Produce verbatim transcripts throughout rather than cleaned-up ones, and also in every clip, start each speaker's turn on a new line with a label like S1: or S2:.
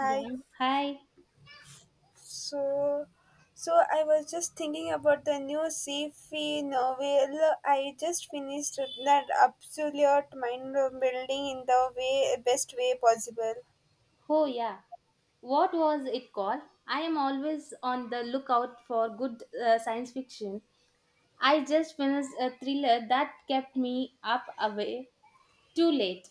S1: Yeah. Hi.
S2: So, so I was just thinking about the new sci-fi novel I just finished. That absolute mind-building in the way best way possible.
S1: Oh, yeah. What was it called? I am always on the lookout for good uh, science fiction. I just finished a thriller that kept me up away too late.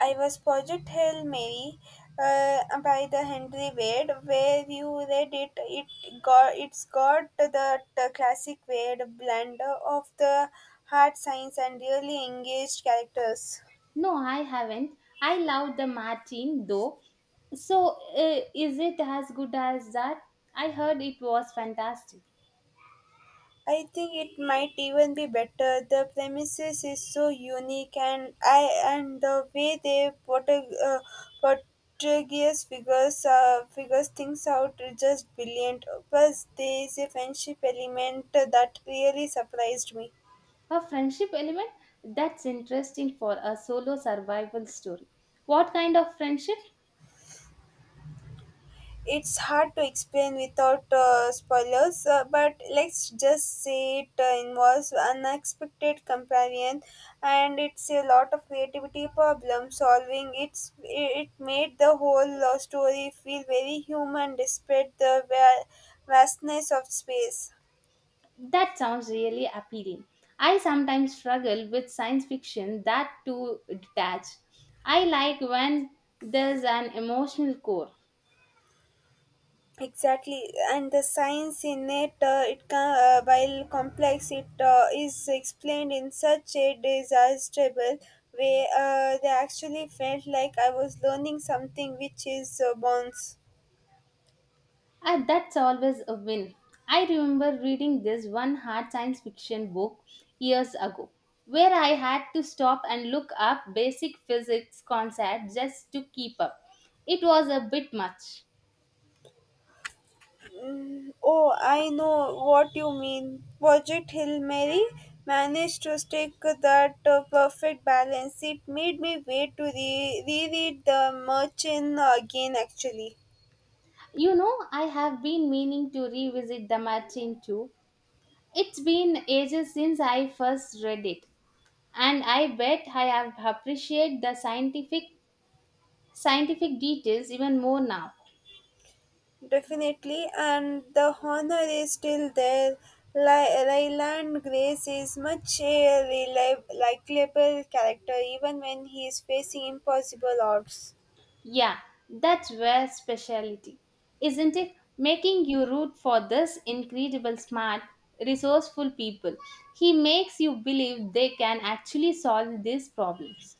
S2: I was Project Hail Mary uh, by the Henry Wade. Where you read it, it got it's got the, the classic Wade blend of the hard science and really engaged characters.
S1: No, I haven't. I love the Martin though. So, uh, is it as good as that? I heard it was fantastic.
S2: I think it might even be better. The premises is so unique, and I and the way they portray uh, Portuguese figures uh, figures things out is just brilliant. Plus, there is a friendship element that really surprised me.
S1: A friendship element? That's interesting for a solo survival story. What kind of friendship?
S2: It's hard to explain without uh, spoilers, uh, but let's just say it uh, involves unexpected companion, and it's a lot of creativity, problem solving. It's it made the whole uh, story feel very human despite the va- vastness of space.
S1: That sounds really appealing. I sometimes struggle with science fiction that too detached. I like when there's an emotional core.
S2: Exactly, and the science in it, uh, it can, uh, while complex, it uh, is explained in such a disastrable way. Uh, they actually felt like I was learning something which is uh, bonds.
S1: Ah, that's always a win. I remember reading this one hard science fiction book years ago where I had to stop and look up basic physics concepts just to keep up. It was a bit much.
S2: Oh, I know what you mean. Project Hill Mary managed to stick that uh, perfect balance. It made me wait to re- reread the Merchant again, actually.
S1: You know, I have been meaning to revisit The Martian too. It's been ages since I first read it, and I bet I have appreciate the scientific scientific details even more now.
S2: Definitely, and the honor is still there. Ly- Ryland Grace is much a reliable, likable character, even when he is facing impossible odds.
S1: Yeah, that's where speciality, isn't it? Making you root for this incredible smart, resourceful people. He makes you believe they can actually solve these problems.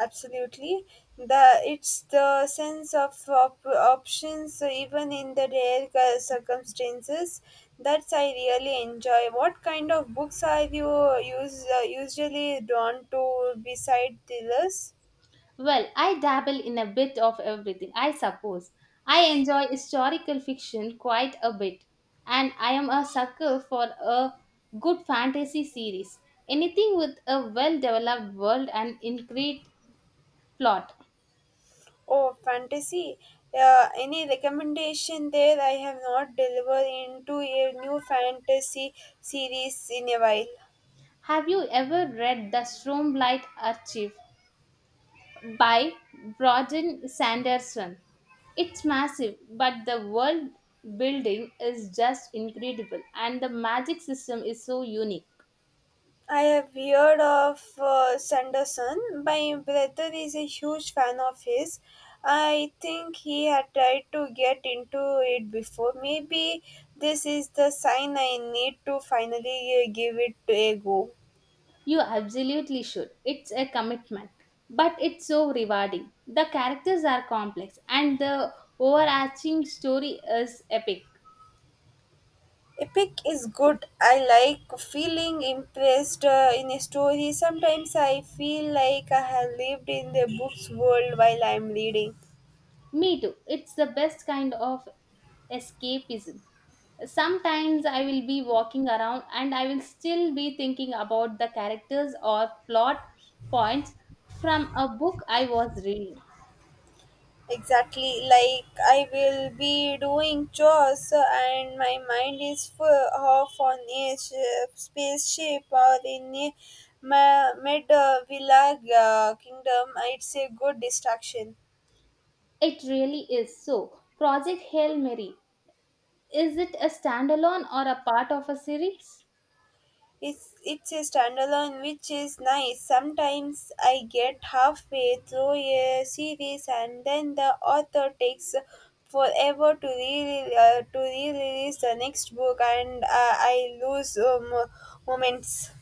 S2: Absolutely, the it's the sense of op- options, uh, even in the rare cir- circumstances, that I really enjoy. What kind of books are you use, uh, usually drawn to beside thrillers?
S1: Well, I dabble in a bit of everything, I suppose. I enjoy historical fiction quite a bit, and I am a sucker for a good fantasy series. Anything with a well developed world and intricate plot.
S2: Oh, fantasy. Uh, any recommendation there? I have not delivered into a new fantasy series in a while.
S1: Have you ever read The Stormlight Archive by Broden Sanderson? It's massive, but the world building is just incredible, and the magic system is so unique.
S2: I have heard of uh, Sanderson. My brother is a huge fan of his. I think he had tried to get into it before. Maybe this is the sign I need to finally uh, give it a go.
S1: You absolutely should. It's a commitment, but it's so rewarding. The characters are complex and the overarching story is epic.
S2: Epic is good. I like feeling impressed uh, in a story. Sometimes I feel like I have lived in the book's world while I'm reading.
S1: Me too. It's the best kind of escapism. Sometimes I will be walking around and I will still be thinking about the characters or plot points from a book I was reading.
S2: Exactly, like I will be doing chores uh, and my mind is full off on a sh- spaceship or in a ma- mid uh, villa uh, kingdom. It's a good distraction.
S1: It really is so. Project Hail Mary, is it a standalone or a part of a series?
S2: It's it's a standalone, which is nice. Sometimes I get halfway through a series and then the author takes forever to re uh, to re-release the next book, and uh, I lose um, moments.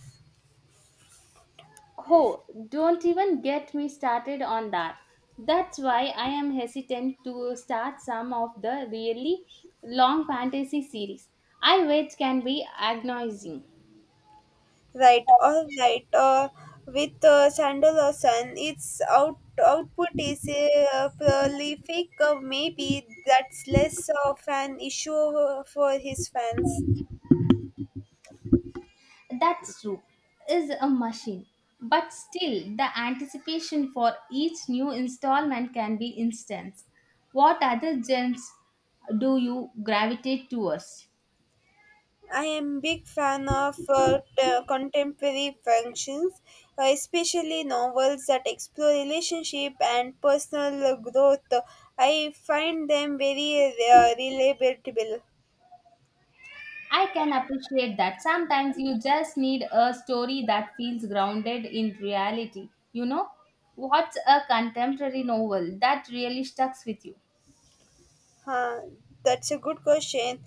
S1: Oh, don't even get me started on that. That's why I am hesitant to start some of the really long fantasy series. I wait can be agonizing.
S2: Right, all right. Uh, with uh, Sandalasan, its out output is uh, prolific. Uh, maybe that's less of an issue for his fans.
S1: That's true, is a machine. But still, the anticipation for each new installment can be intense. What other genres do you gravitate towards?
S2: I am big fan of uh, t- contemporary functions, uh, especially novels that explore relationship and personal uh, growth. I find them very uh, relatable.
S1: I can appreciate that. Sometimes you just need a story that feels grounded in reality. You know, what's a contemporary novel that really sticks with you?
S2: Huh, that's a good question.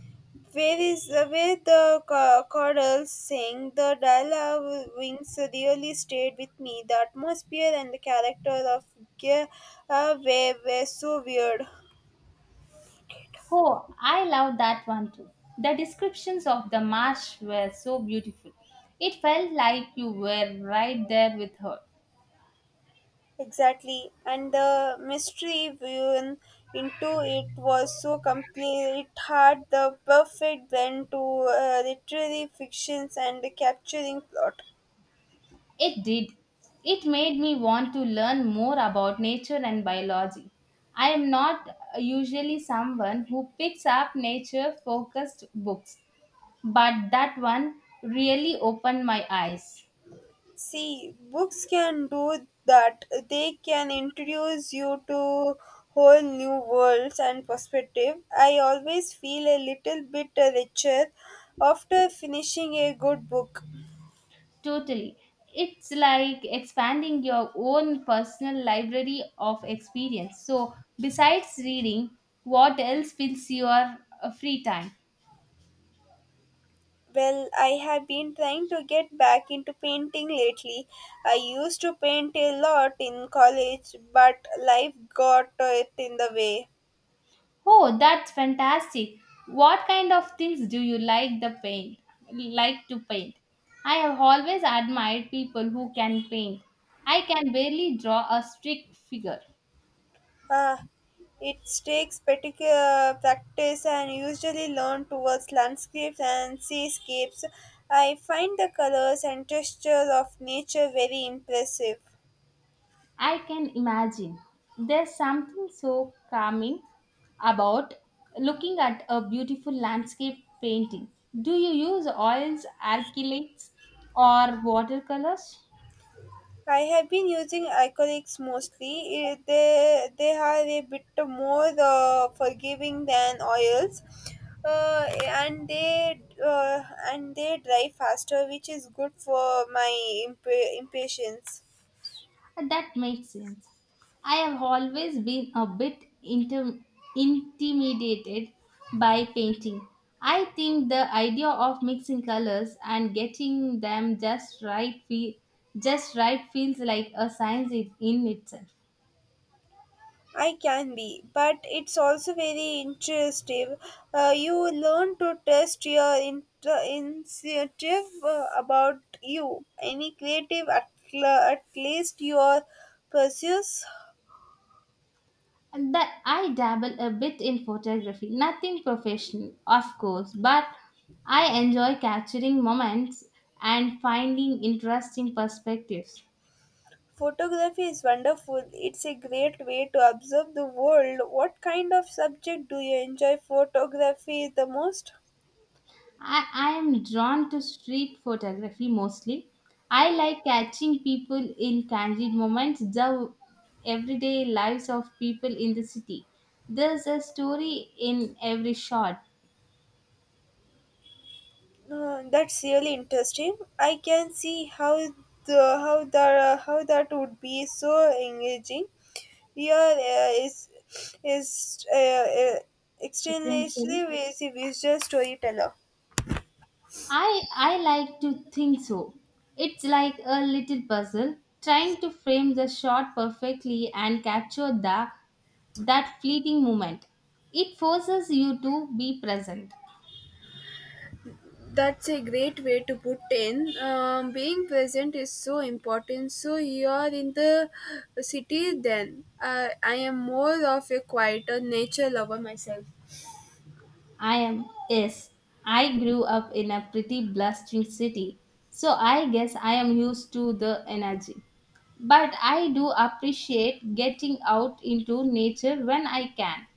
S2: Where is uh, where the ca- chorals sing? The dialogue wings really stayed with me. The atmosphere and the character of Gia uh, were, were so weird.
S1: Oh, I love that one too. The descriptions of the marsh were so beautiful. It felt like you were right there with her.
S2: Exactly, and the mystery woven into it was so complete. It had the perfect blend to uh, literary fictions and capturing plot.
S1: It did. It made me want to learn more about nature and biology. I am not usually someone who picks up nature focused books, but that one really opened my eyes.
S2: See, books can do that. They can introduce you to whole new worlds and perspective. I always feel a little bit richer after finishing a good book.
S1: Totally. It's like expanding your own personal library of experience. So besides reading, what else fills your uh, free time?
S2: Well, I have been trying to get back into painting lately. I used to paint a lot in college, but life got it in the way.
S1: Oh, that's fantastic. What kind of things do you like the paint like to paint? I have always admired people who can paint. I can barely draw a strict figure.
S2: Ah, it takes particular practice and usually learn towards landscapes and seascapes. I find the colors and texture of nature very impressive.
S1: I can imagine. There's something so calming about looking at a beautiful landscape painting. Do you use oils, acrylics, or watercolors?
S2: I have been using acrylics mostly. Eh, They they are a bit more uh, forgiving than oils, uh, and they uh, and they dry faster, which is good for my imp- impatience.
S1: That makes sense. I have always been a bit inter- intimidated by painting. I think the idea of mixing colors and getting them just right fe- just right feels like a science in in itself.
S2: I can be, but it's also very interesting. Uh, you learn to test your in- initiative uh, about you. Any creative, at, l- at least your pursuits.
S1: And that I dabble a bit in photography, nothing professional, of course, but I enjoy capturing moments and finding interesting perspectives.
S2: Photography is wonderful. It's a great way to observe the world. What kind of subject do you enjoy photography the most?
S1: I, I am drawn to street photography mostly. I like catching people in candid moments, the everyday lives of people in the city. There's a story in every shot,
S2: Uh, that's really interesting. I can see how the how that how that would be so engaging. Here uh, is is uh, uh, extremely
S1: essentially.
S2: busy visual storyteller.
S1: I I like to think so. It's like a little puzzle trying to frame the shot perfectly and capture the that fleeting moment. It forces you to be present.
S2: That's a great way to put in. Um, being present is so important. So you are in the city then. Uh, I am more of a quieter nature lover myself.
S1: I am, yes. I grew up in a pretty blustering city, so I guess I am used to the energy. But I do appreciate getting out into nature when I can.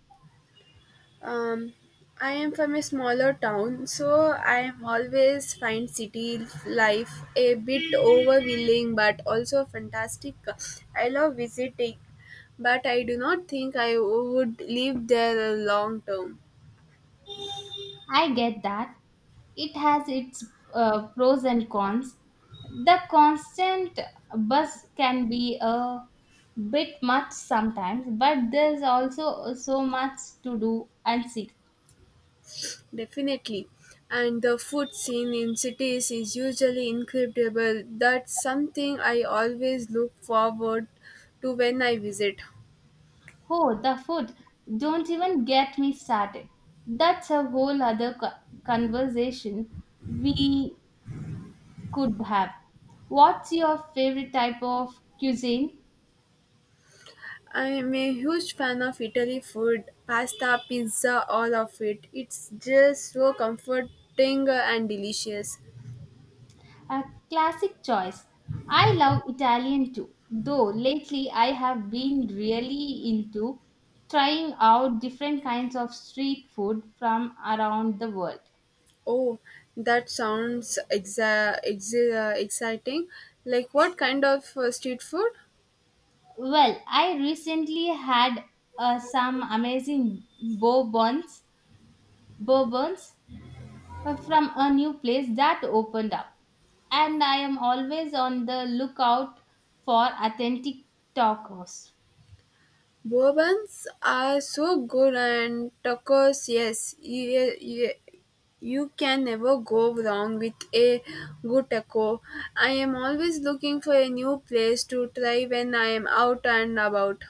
S2: Um, I am from a smaller town, so I am always find city life a bit overwhelming but also fantastic. I love visiting, but I do not think I would live there long term.
S1: I get that. It has its uh, pros and cons. The constant buzz can be a bit much sometimes, but there's also so much to do and see.
S2: Definitely. And the food scene in cities is usually incredible. That's something I always look forward to when I visit.
S1: Oh, the food. Don't even get me started. That's a whole other co- conversation we could have. What's your favorite type of cuisine?
S2: I'm a huge fan of Italy food, pasta, pizza, all of it. It's just so comforting and delicious.
S1: A classic choice. I love Italian too, though lately I have been really into trying out different kinds of street food from around the world.
S2: Oh, that sounds exa- exa- exciting. Like what kind of uh, street food?
S1: Well, I recently had uh, some amazing bourbons, bourbons uh, from a new place that opened up, and I am always on the lookout for authentic tacos.
S2: Bourbons are so good, and tacos, yes, you, you, you can never go wrong with a good taco. I am always looking for a new place to try when I am out and about.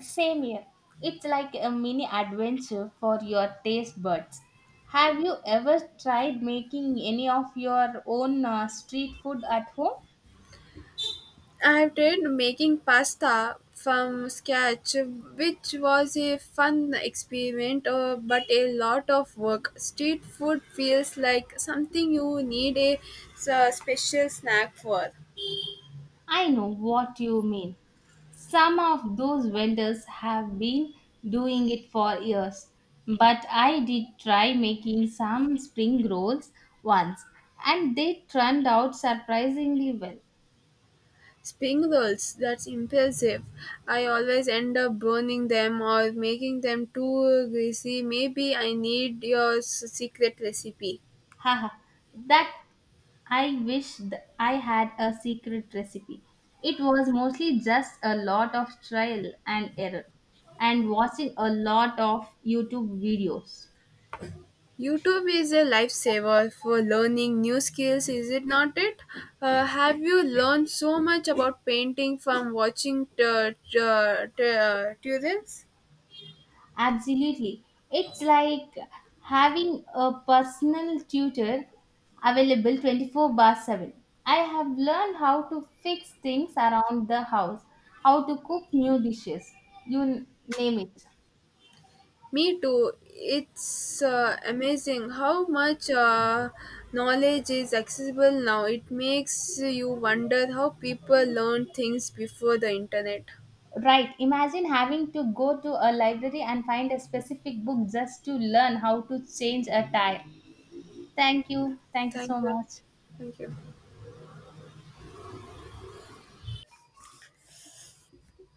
S1: Same here. It's like a mini adventure for your taste buds. Have you ever tried making any of your own uh, street food at home?
S2: I have tried making pasta from scratch, which was a fun experiment, uh, but a lot of work. Street food feels like something you need a s- special snack for.
S1: I know what you mean. Some of those vendors have been doing it for years, but I did try making some spring rolls once and they turned out surprisingly well.
S2: Spring rolls. That's impressive. I always end up burning them or making them too greasy. Maybe I need your s- secret recipe.
S1: Haha, that I wish th- I had a secret recipe. It was mostly just a lot of trial and error and watching a lot of YouTube videos.
S2: YouTube is a lifesaver for learning new skills, is it not it? Uh, have you learned so much about painting from watching t- t- uh, t- uh, tutorials?
S1: Absolutely. It's like having a personal tutor available twenty-four bar seven. I have learned how to fix things around the house, how to cook new dishes, you n- name it.
S2: Me too. It's uh, amazing how much uh, knowledge is accessible now. It makes you wonder how people learned things before the internet.
S1: Right. Imagine having to go to a library and find a specific book just to learn how to change a tire. Thank you. Thank you
S2: Thank
S1: so
S2: you.
S1: much.
S2: Thank you.